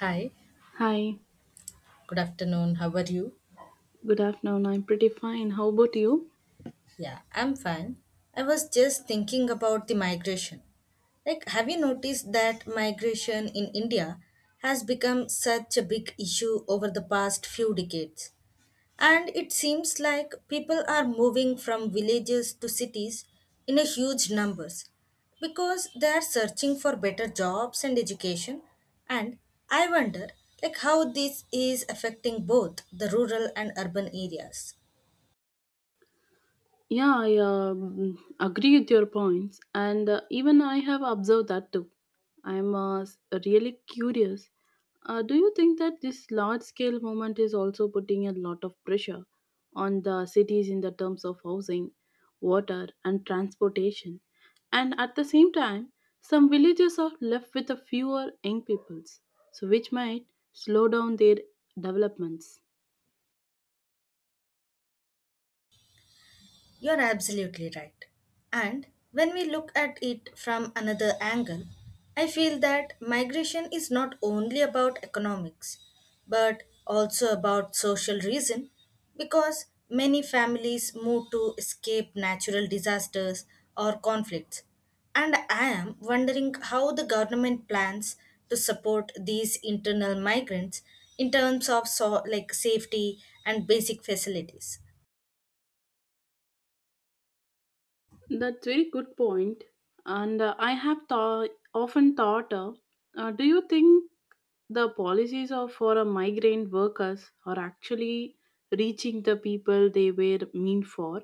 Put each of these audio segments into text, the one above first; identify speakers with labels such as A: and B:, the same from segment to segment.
A: Hi,
B: Hi,
A: good afternoon. How are you?
B: good afternoon. I'm pretty fine. How about you?
A: Yeah, I'm fine. I was just thinking about the migration. Like, have you noticed that migration in India has become such a big issue over the past few decades? And it seems like people are moving from villages to cities in a huge numbers because they are searching for better jobs and education and I wonder like how this is affecting both the rural and urban areas.
B: Yeah, I agree with your points, and even I have observed that too. I'm uh, s- Really curious. Do you think that this large scale movement is also putting a lot of pressure on the cities in the terms of housing, water, and transportation? And at the same time, some villages are left with a fewer young peoples, so which might slow down their developments.
A: You're absolutely right. And when we look at it from another angle, I feel that migration is not only about economics, but also about social reason because many families move to escape natural disasters or conflicts. And I am wondering how the government plans to support these internal migrants in terms of so, like safety and basic facilities.
B: That's very good point. And I have thought often thought, do you think the policies of for a migrant workers are actually reaching the people they were meant for,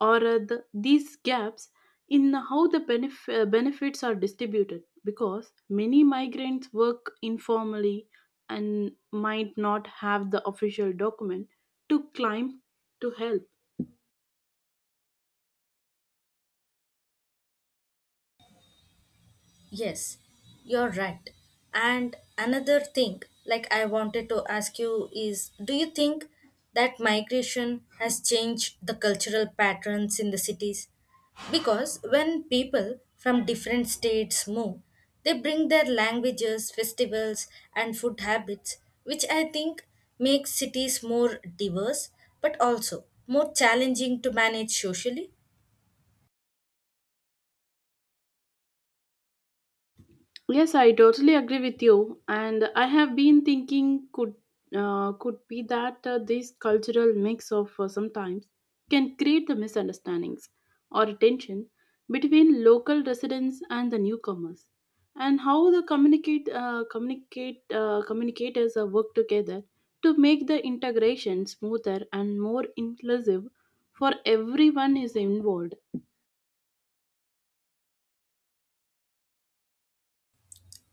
B: or these gaps in how the benefits are distributed? Because many migrants work informally and might not have the official document to climb to help.
A: Yes, you're right. And another thing, like I wanted to ask you, is do you think that migration has changed the cultural patterns in the cities? Because when people from different states move, they bring their languages, festivals, and food habits, which I think makes cities more diverse but also more challenging to manage socially.
B: Yes, I totally agree with you, and I have been thinking could be that this cultural mix of sometimes can create the misunderstandings or tension between local residents and the newcomers, and how the communicate communicate communicators work together to make the integration smoother and more inclusive for everyone is involved.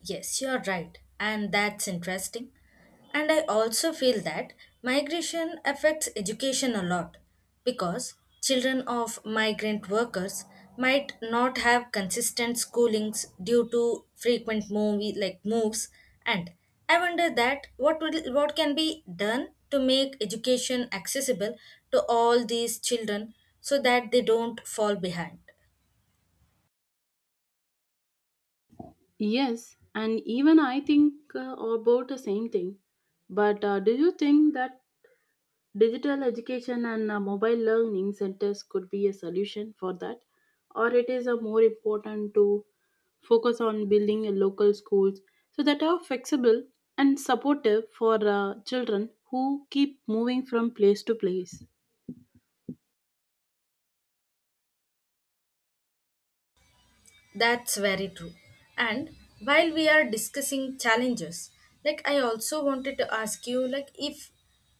A: Yes, you're right. And that's interesting. And I also feel that migration affects education a lot because children of migrant workers might not have consistent schoolings due to frequent movie like moves and I wonder that what will, what can be done to make education accessible to all these children so that they don't fall behind.
B: Yes, and even I think about the same thing. But do you think that digital education and mobile learning centers could be a solution for that? Or it is more important to focus on building a local schools so that are flexible and supportive for children who keep moving from place to place?
A: That's very true. And while we are discussing challenges, like I also wanted to ask you like if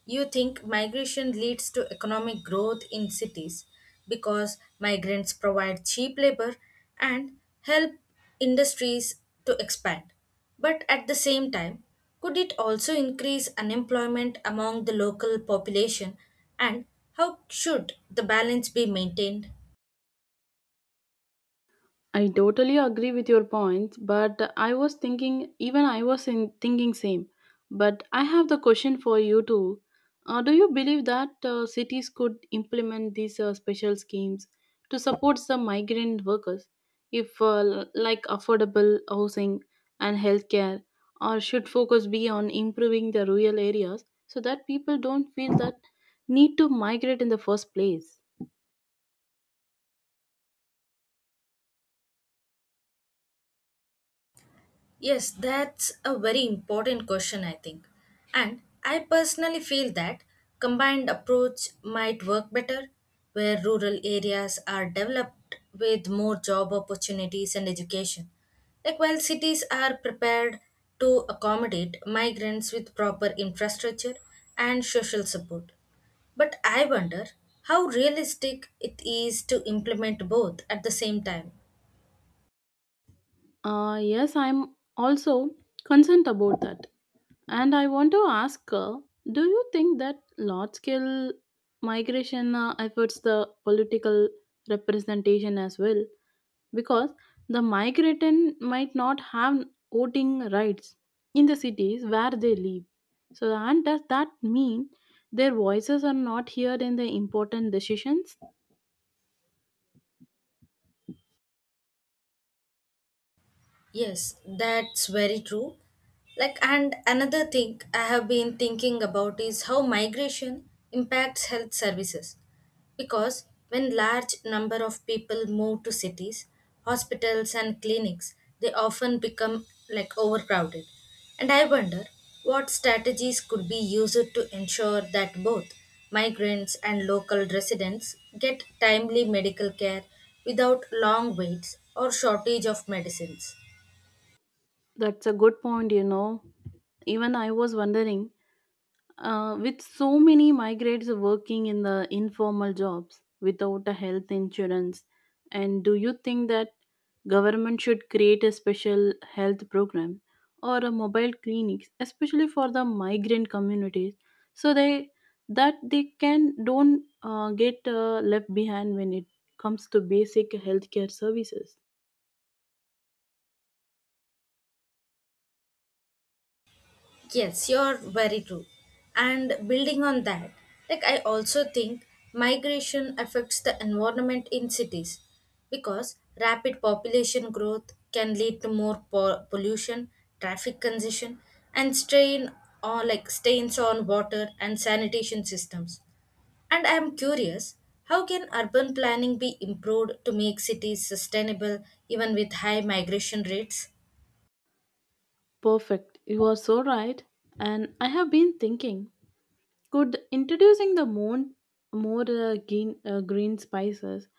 A: you think migration leads to economic growth in cities because migrants provide cheap labor and help industries to expand. But at the same time, could it also increase unemployment among the local population and how should the balance be maintained?
B: I totally agree with your point, but I was thinking, even I was in thinking same. But I have the question for you too. Do you believe that cities could implement these special schemes to support the migrant workers, if like affordable housing and healthcare, or should focus be on improving the rural areas so that people don't feel that need to migrate in the first place?
A: Yes, that's a very important question, I think. And I personally feel that combined approach might work better where rural areas are developed with more job opportunities and education. Like while cities are prepared to accommodate migrants with proper infrastructure and social support. But I wonder how realistic it is to implement both at the same time.
B: Yes, I'm also concerned about that. And I want to ask do you think that large scale migration efforts the political representation as well? Because the migrant might not have voting rights in the cities where they live. So, and does that mean their voices are not heard in the important decisions?
A: Yes, that's very true. Like, and another thing I have been thinking about is how migration impacts health services. Because when large number of people move to cities, hospitals and clinics, they often become like overcrowded. And I wonder what strategies could be used to ensure that both migrants and local residents get timely medical care without long waits or shortage of medicines.
B: That's a good point, you know. Even I was wondering. With so many migrants working in the informal jobs without a health insurance, and do you think that government should create a special health program or a mobile clinics, especially for the migrant communities, so they that they can don't get left behind when it comes to basic healthcare services?
A: Yes, you're very true. And building on that, like I also think migration affects the environment in cities because rapid population growth can lead to more pollution, traffic congestion, and strain or like stains on water and sanitation systems. And I am curious, how can urban planning be improved to make cities sustainable even with high migration rates?
B: Perfect. You are so right. And I have been thinking. Could introducing more green spices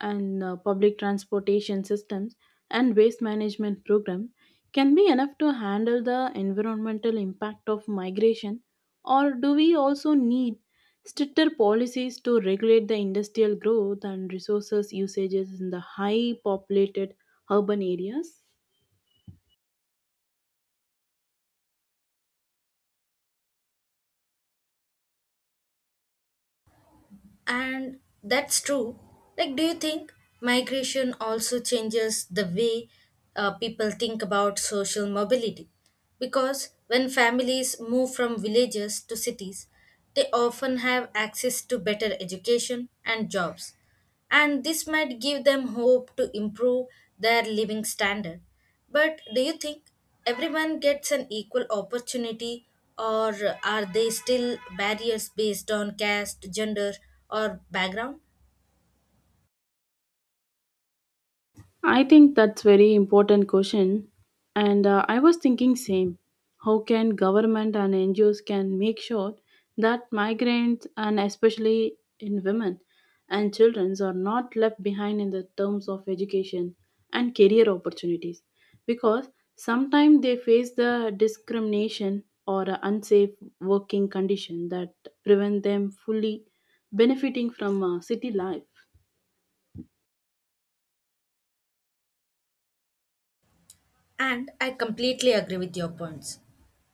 B: and public transportation systems and waste management program can be enough to handle the environmental impact of migration, or do we also need stricter policies to regulate the industrial growth and resources usages in the high populated urban areas?
A: And that's true. Like, do you think migration also changes the way people think about social mobility? Because when families move from villages to cities, they often have access to better education and jobs and this might give them hope to improve their living standard. But do you think everyone gets an equal opportunity, or are they still barriers based on caste, gender, or background?
B: I think that's very important question, and I was thinking same. How can government and NGOs can make sure that migrants and especially in women and children are not left behind in the terms of education and career opportunities, because sometimes they face the discrimination or a unsafe working condition that prevent them fully benefiting from city life.
A: And I completely agree with your points.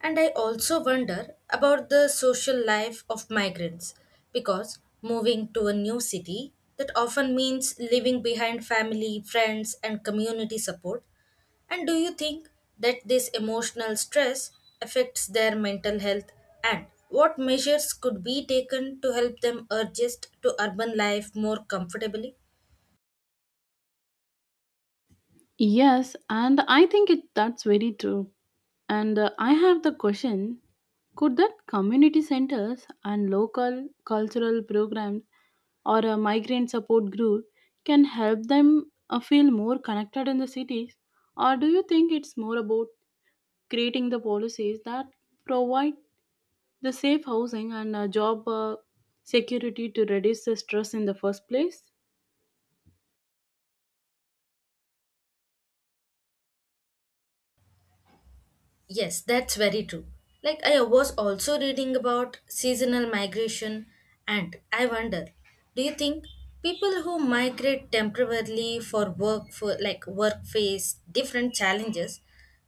A: And I also wonder about the social life of migrants because moving to a new city that often means leaving behind family, friends, and community support. And do you think that this emotional stress affects their mental health? And what measures could be taken to help them adjust to urban life more comfortably?
B: Yes, and I think it that's very true. And I have the question, could that community centers and local cultural programs or a migrant support group can help them feel more connected in the cities, or do you think it's more about creating the policies that provide the safe housing and job security to reduce the stress in the first place?
A: Yes, that's very true. Like I was also reading about seasonal migration and I wonder, do you think people who migrate temporarily for work for like work face different challenges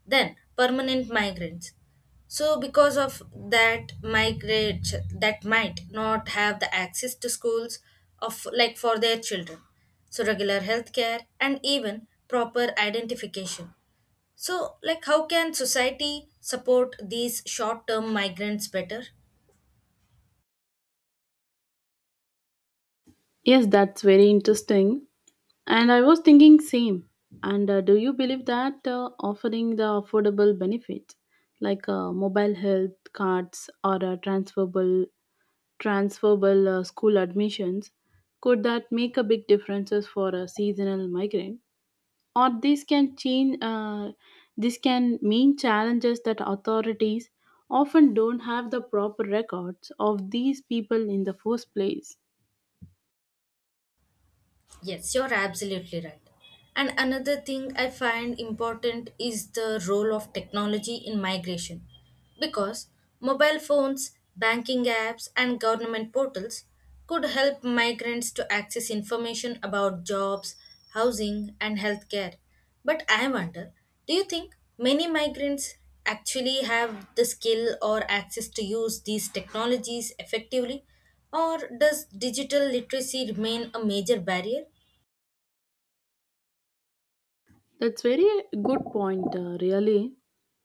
A: than permanent migrants? So because of that migrate that might not have the access to schools of like for their children so regular health care and even proper identification so, like, how can society support these short term migrants better?
B: Yes, that's very interesting. And I was thinking same. And do you believe that offering the affordable benefits like mobile health cards or transferable school admissions could that make a big differences for a seasonal migrant, or this can change this can mean challenges that authorities often don't have the proper records of these people in the first place?
A: Yes, you're absolutely right. And another thing I find important is the role of technology in migration. Because mobile phones, banking apps, and government portals could help migrants to access information about jobs, housing, and healthcare. But I wonder do you think many migrants actually have the skill or access to use these technologies effectively? Or does digital literacy remain a major barrier?
B: That's very good point, really.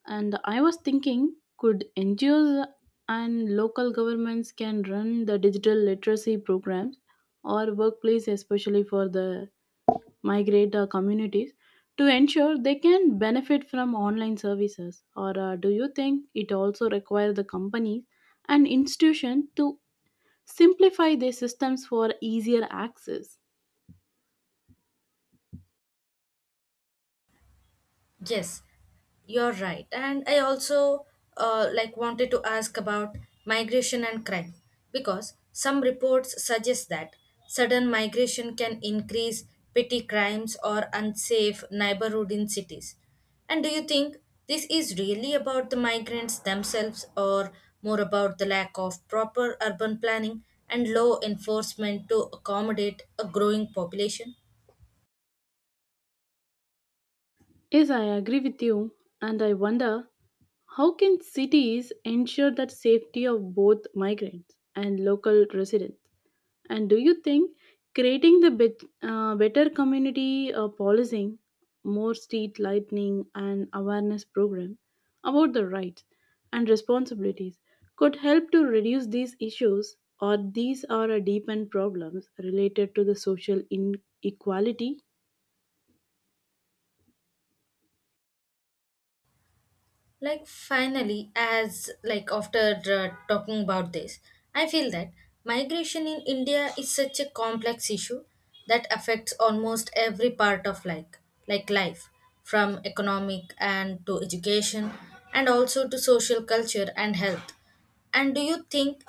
B: And I was thinking, could NGOs and local governments can run the digital literacy programs or workplace, especially for the migrant communities, to ensure they can benefit from online services? Or do you think it also requires the companies and institution to simplify their systems for easier access?
A: Yes, you're right. And I also like wanted to ask about migration and crime because some reports suggest that sudden migration can increase petty crimes or unsafe neighborhood in cities. And do you think this is really about the migrants themselves or more about the lack of proper urban planning and law enforcement to accommodate a growing population?
B: Yes, I agree with you, and I wonder how can cities ensure that safety of both migrants and local residents? And do you think creating the better community policing, more street lightning, and awareness program about the rights and responsibilities could help to reduce these issues, or these are a deepened problems related to the social inequality?
A: Like finally as like after talking about this I feel that migration in India is such a complex issue that affects almost every part of like life from economic and to education and also to social culture and health and do you think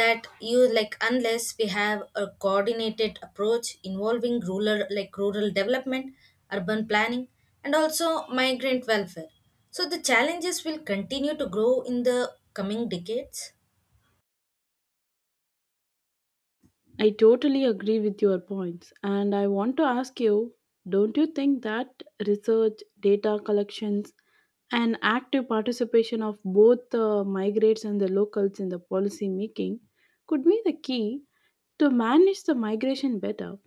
A: that you like unless we have a coordinated approach involving rural development, urban planning, and also migrant welfare, so the challenges will continue to grow in the coming decades?
B: I totally agree with your points. And I want to ask you, don't you think that research, data collections, and active participation of both the migrants and the locals in the policy making could be the key to manage the migration better?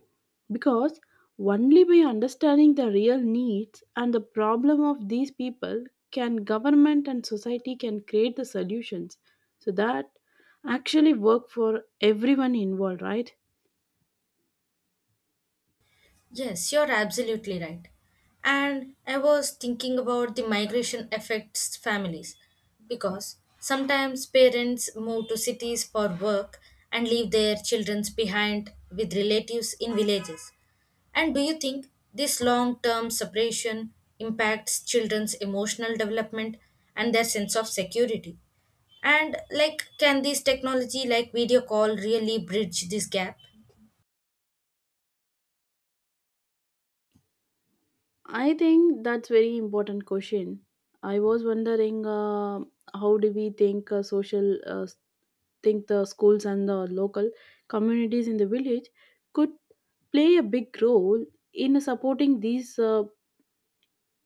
B: Because only by understanding the real needs and the problem of these people can government and society can create the solutions so that actually work for everyone involved, right?
A: Yes, you're absolutely right. And I was thinking about the migration affects families because sometimes parents move to cities for work and leave their children behind with relatives in villages. And do you think this long term separation impacts children's emotional development and their sense of security? And like, can this technology like video call really bridge this gap?
B: I think that's very important question. I was wondering how do we think social think the schools and the local communities in the village could play a big role in supporting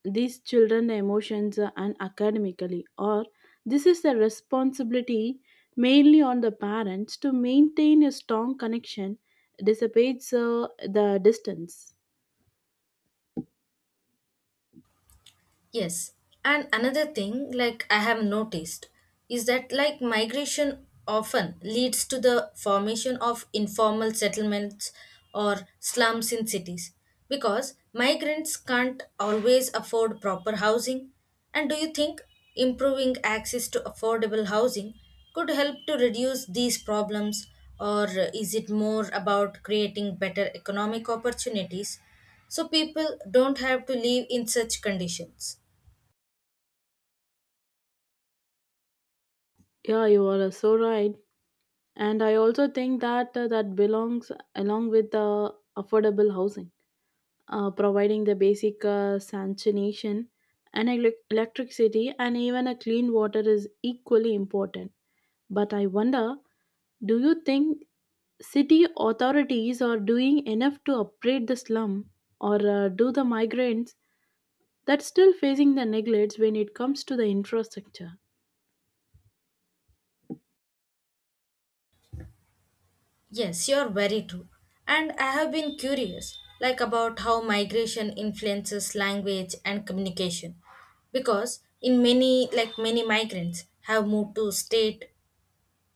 B: these children emotions and academically, or this is the responsibility mainly on the parents to maintain a strong connection dissipates the distance.
A: Yes, and another thing like I have noticed is that like migration often leads to the formation of informal settlements or slums in cities because migrants can't always afford proper housing. And do you think improving access to affordable housing could help to reduce these problems or is it more about creating better economic opportunities so people don't have to live in such conditions?
B: Yeah, you are so right, and I also think that that belongs along with the affordable housing, providing the basic sanitation and electricity and even a clean water is equally important, but I wonder, do you think city authorities are doing enough to upgrade the slum, or do the migrants that's still facing the neglects when it comes to the infrastructure?
A: Yes, you're very true. And I have been curious, like about how migration influences language and communication. Because in many, like many migrants have moved to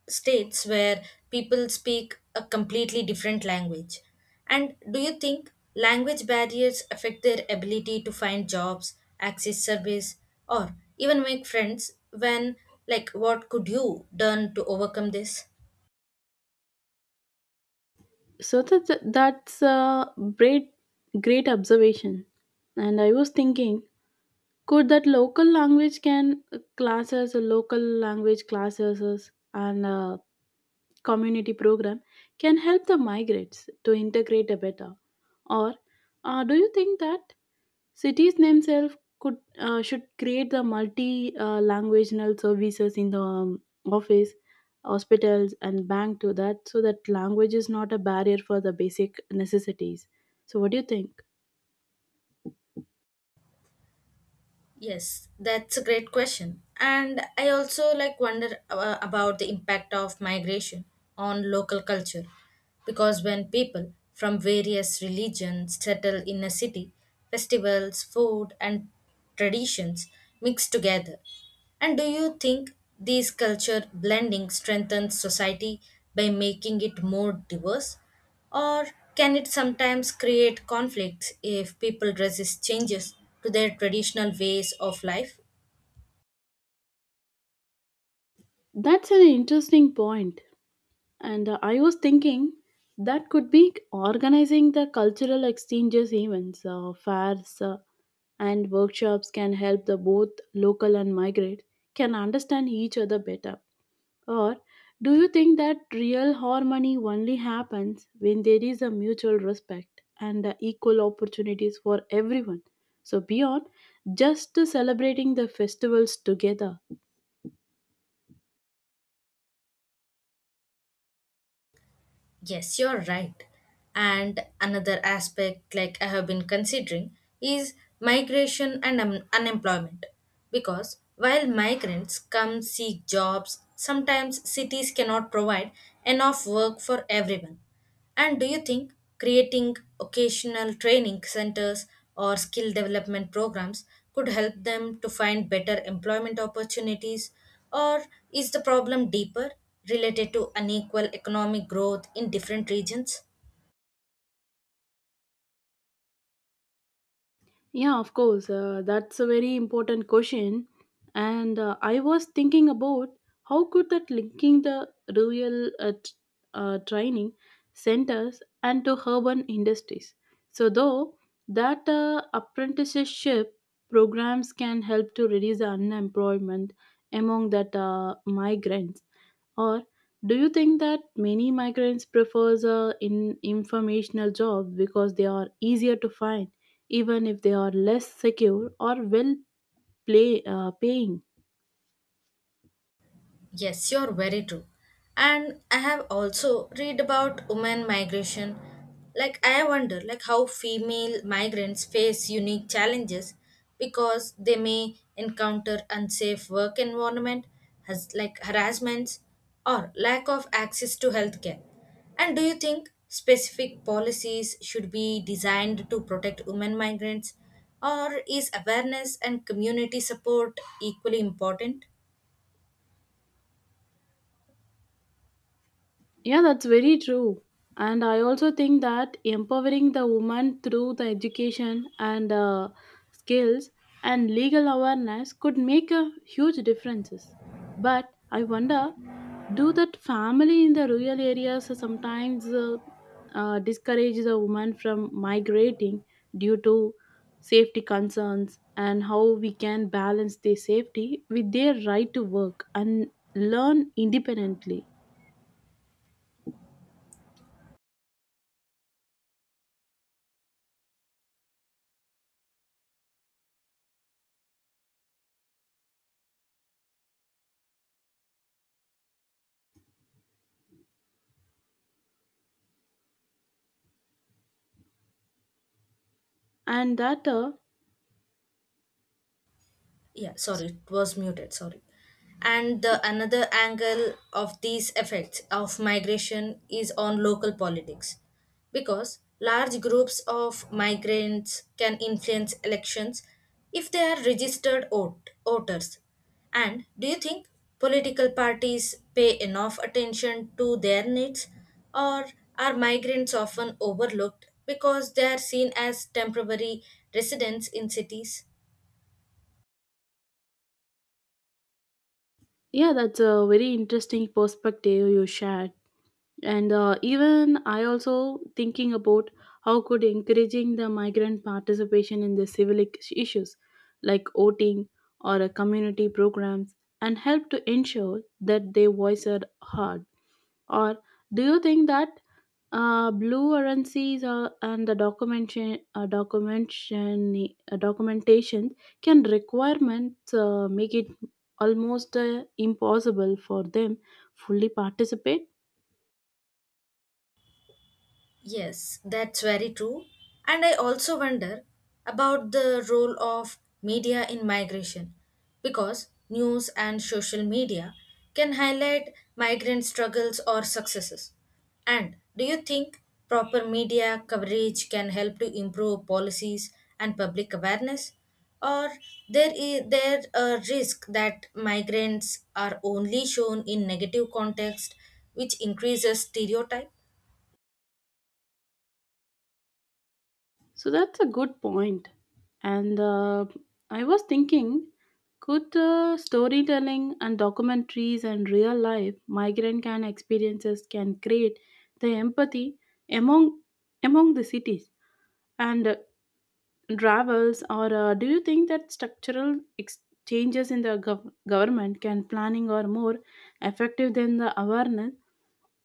A: states where people speak a completely different language. And do you think language barriers affect their ability to find jobs, access service, or even make friends when like what could you done to overcome this?
B: So that's a great great observation, and I was thinking, could that local language classes, and community program can help the migrants to integrate better, or do you think that cities themselves could should create the multi languageal services in the office, hospitals, and bank to that, so that language is not a barrier for the basic necessities. So, what do you think?
A: Yes, that's a great question. And I also like wonder about the impact of migration on local culture because when people from various religions settle in a city, festivals, food and traditions mix together. And do you think these culture blending strengthens society by making it more diverse? Or can it sometimes create conflicts if people resist changes to their traditional ways of life?
B: That's an interesting point, and I was thinking that could be organizing the cultural exchanges events, fairs, and workshops can help the both local and migrate can understand each other better. Or do you think that real harmony only happens when there is a mutual respect and equal opportunities for everyone? So, beyond just celebrating the festivals together.
A: Yes, you're right. And another aspect, like I have been considering, is migration and unemployment. Because while migrants come seek jobs, sometimes cities cannot provide enough work for everyone. And do you think creating occasional training centers or skill development programs could help them to find better employment opportunities? Or is the problem deeper, related to unequal economic growth in different regions?
B: Yeah, of course. That's a very important question, and I was thinking about how could that linking the rural training centers and to urban industries. So though that apprenticeship programs can help to reduce the unemployment among that migrants, or do you think that many migrants prefers in informational jobs because they are easier to find, even if they are less secure or well play, paying?
A: Yes, you're very true. And I have also read about women migration. Like I wonder like how female migrants face unique challenges because they may encounter unsafe work environment, has like harassments or lack of access to healthcare. And do you think specific policies should be designed to protect women migrants or is awareness and community support equally important?
B: Yeah, that's very true. And I also think that empowering the woman through the education and skills and legal awareness could make a huge differences. But I wonder, do that family in the rural areas sometimes discourage the woman from migrating due to safety concerns, and how we can balance their safety with their right to work and learn independently? And that
A: Yeah, sorry, it was muted, sorry. And the another angle of these effects of migration is on local politics because large groups of migrants can influence elections if they are registered voters and do you think political parties pay enough attention to their needs or are migrants often overlooked because they are seen as temporary residents in cities?
B: Yeah, that's a very interesting perspective you shared. And even I also thinking about how could encouraging the migrant participation in the civic issues like voting or community programs and help to ensure that their voice are heard, or do you think that blue currencies and the documentation can requirements make it almost impossible for them fully participate?
A: Yes, that's very true. And I also wonder about the role of media in migration because news and social media can highlight migrant struggles or successes. And do you think proper media coverage can help to improve policies and public awareness? Or there is there a risk that migrants are only shown in negative context, which increases stereotype?
B: So that's a good point. And I was thinking, could storytelling and documentaries and real life migrant can experiences can create the empathy among among the cities and travels, or do you think that changes in the government can planning or more effective than the awareness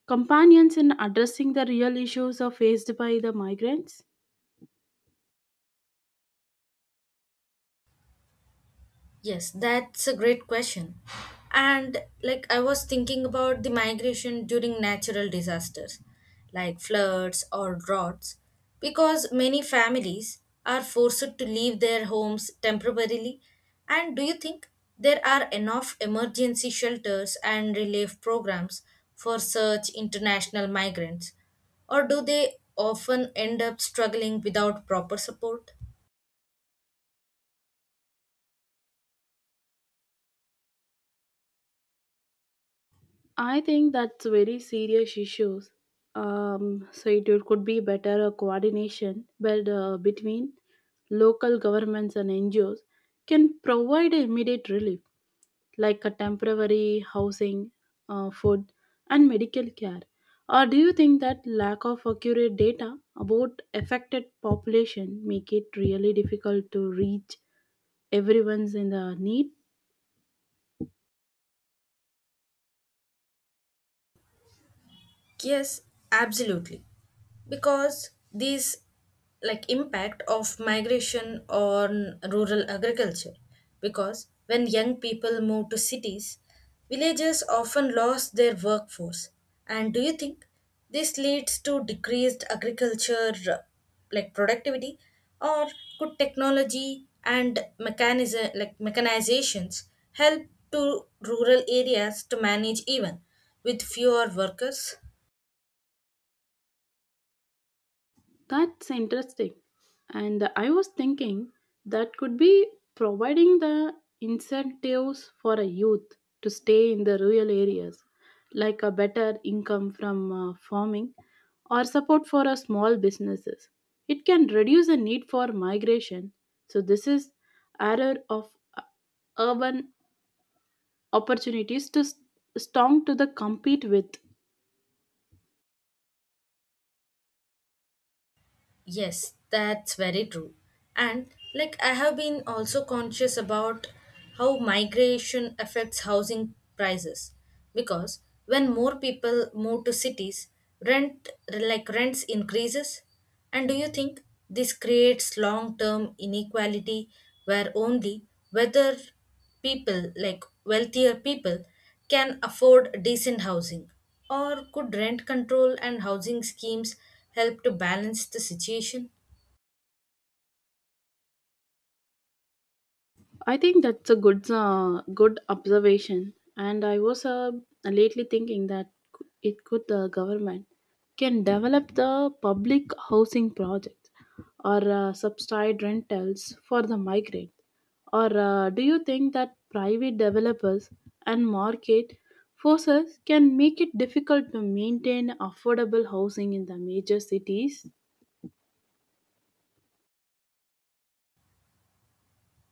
B: companions in addressing the real issues are faced by the migrants?
A: Yes, that's a great question. And like I was thinking about the migration during natural disasters like floods or droughts because many families are forced to leave their homes temporarily. And do you think there are enough emergency shelters and relief programs for such international migrants or do they often end up struggling without proper support?
B: I think that's very serious issues. So it could be better coordination but, between local governments and NGOs can provide immediate relief like a temporary housing, food, and medical care. Or do you think that lack of accurate data about affected population make it really difficult to reach everyone's in the need?
A: Yes, absolutely. Because these like impact of migration on rural agriculture because when young people move to cities, villages often lost their workforce. And do you think this leads to decreased agriculture like productivity or could technology and mechanism like mechanizations help to rural areas to manage even with fewer workers?
B: That's interesting. And I was thinking that could be providing the incentives for a youth to stay in the rural areas, like a better income from farming or support for a small businesses. It can reduce the need for migration. So this is error of urban opportunities to strong to the compete with.
A: Yes, that's very true. And like I have been also conscious about how migration affects housing prices because when more people move to cities, rent like rents increases. And do you think this creates long-term inequality where only whether people, like wealthier people, can afford decent housing? Or could rent control and housing schemes help to balance the situation?
B: I think that's a good observation, and I was lately thinking that it could the government can develop the public housing project or subsidized rentals for the migrant. Or do you think that private developers and market forces can make it difficult to maintain affordable housing in the major cities?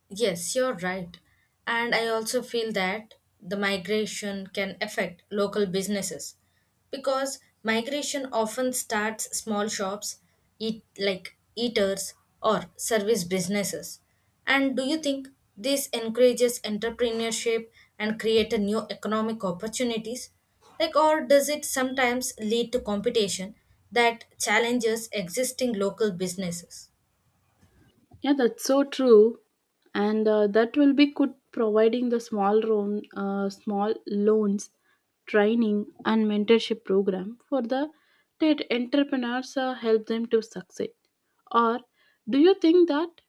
A: Yes, you're right. And I also feel that the migration can affect local businesses because migration often starts small shops, eat like eaters or service businesses. And do you think this encourages entrepreneurship and create a new economic opportunities? Like or does it sometimes lead to competition that challenges existing local businesses?
B: Yeah, that's so true. And that will be good providing the small loans, training and mentorship program for the TED entrepreneurs help them to succeed. Or do you think that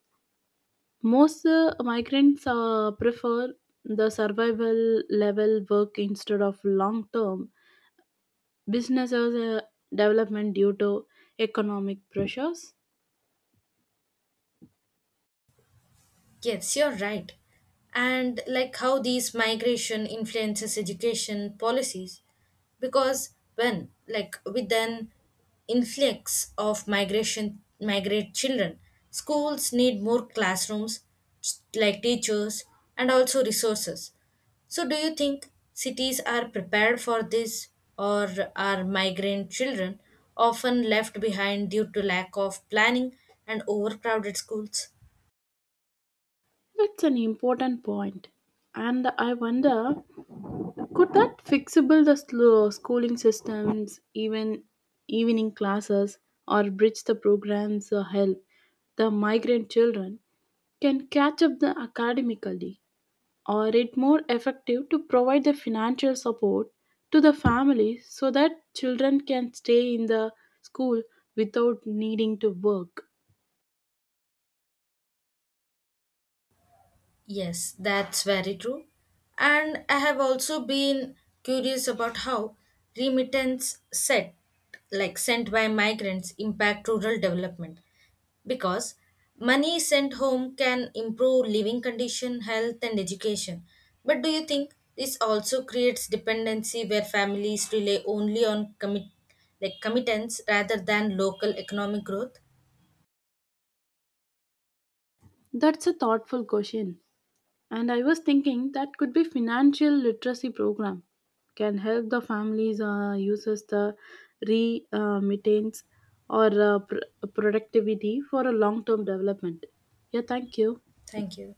B: most migrants prefer the survival level work instead of long term businesses development due to economic pressures?
A: Yes, you're right. And like how these migration influences education policies, because when like with an influx of migration migrate children, schools need more classrooms, like teachers, and also resources. So, do you think cities are prepared for this, or are migrant children often left behind due to lack of planning and overcrowded schools?
B: That's an important point. And I wonder could that fixable the slow schooling systems, even evening classes, or bridge the programs help the migrant children can catch up the academically, or it more effective to provide the financial support to the families so that children can stay in the school without needing to work?
A: Yes, that's very true. And I have also been curious about how remittance set like sent by migrants impact rural development because money sent home can improve living condition, health and education. But do you think this also creates dependency where families rely only on commit like committance rather than local economic growth?
B: That's a thoughtful question. And I was thinking that could be financial literacy program can help the families uses the re maintenance or productivity for a long term development. Yeah, thank you.
A: Thank you.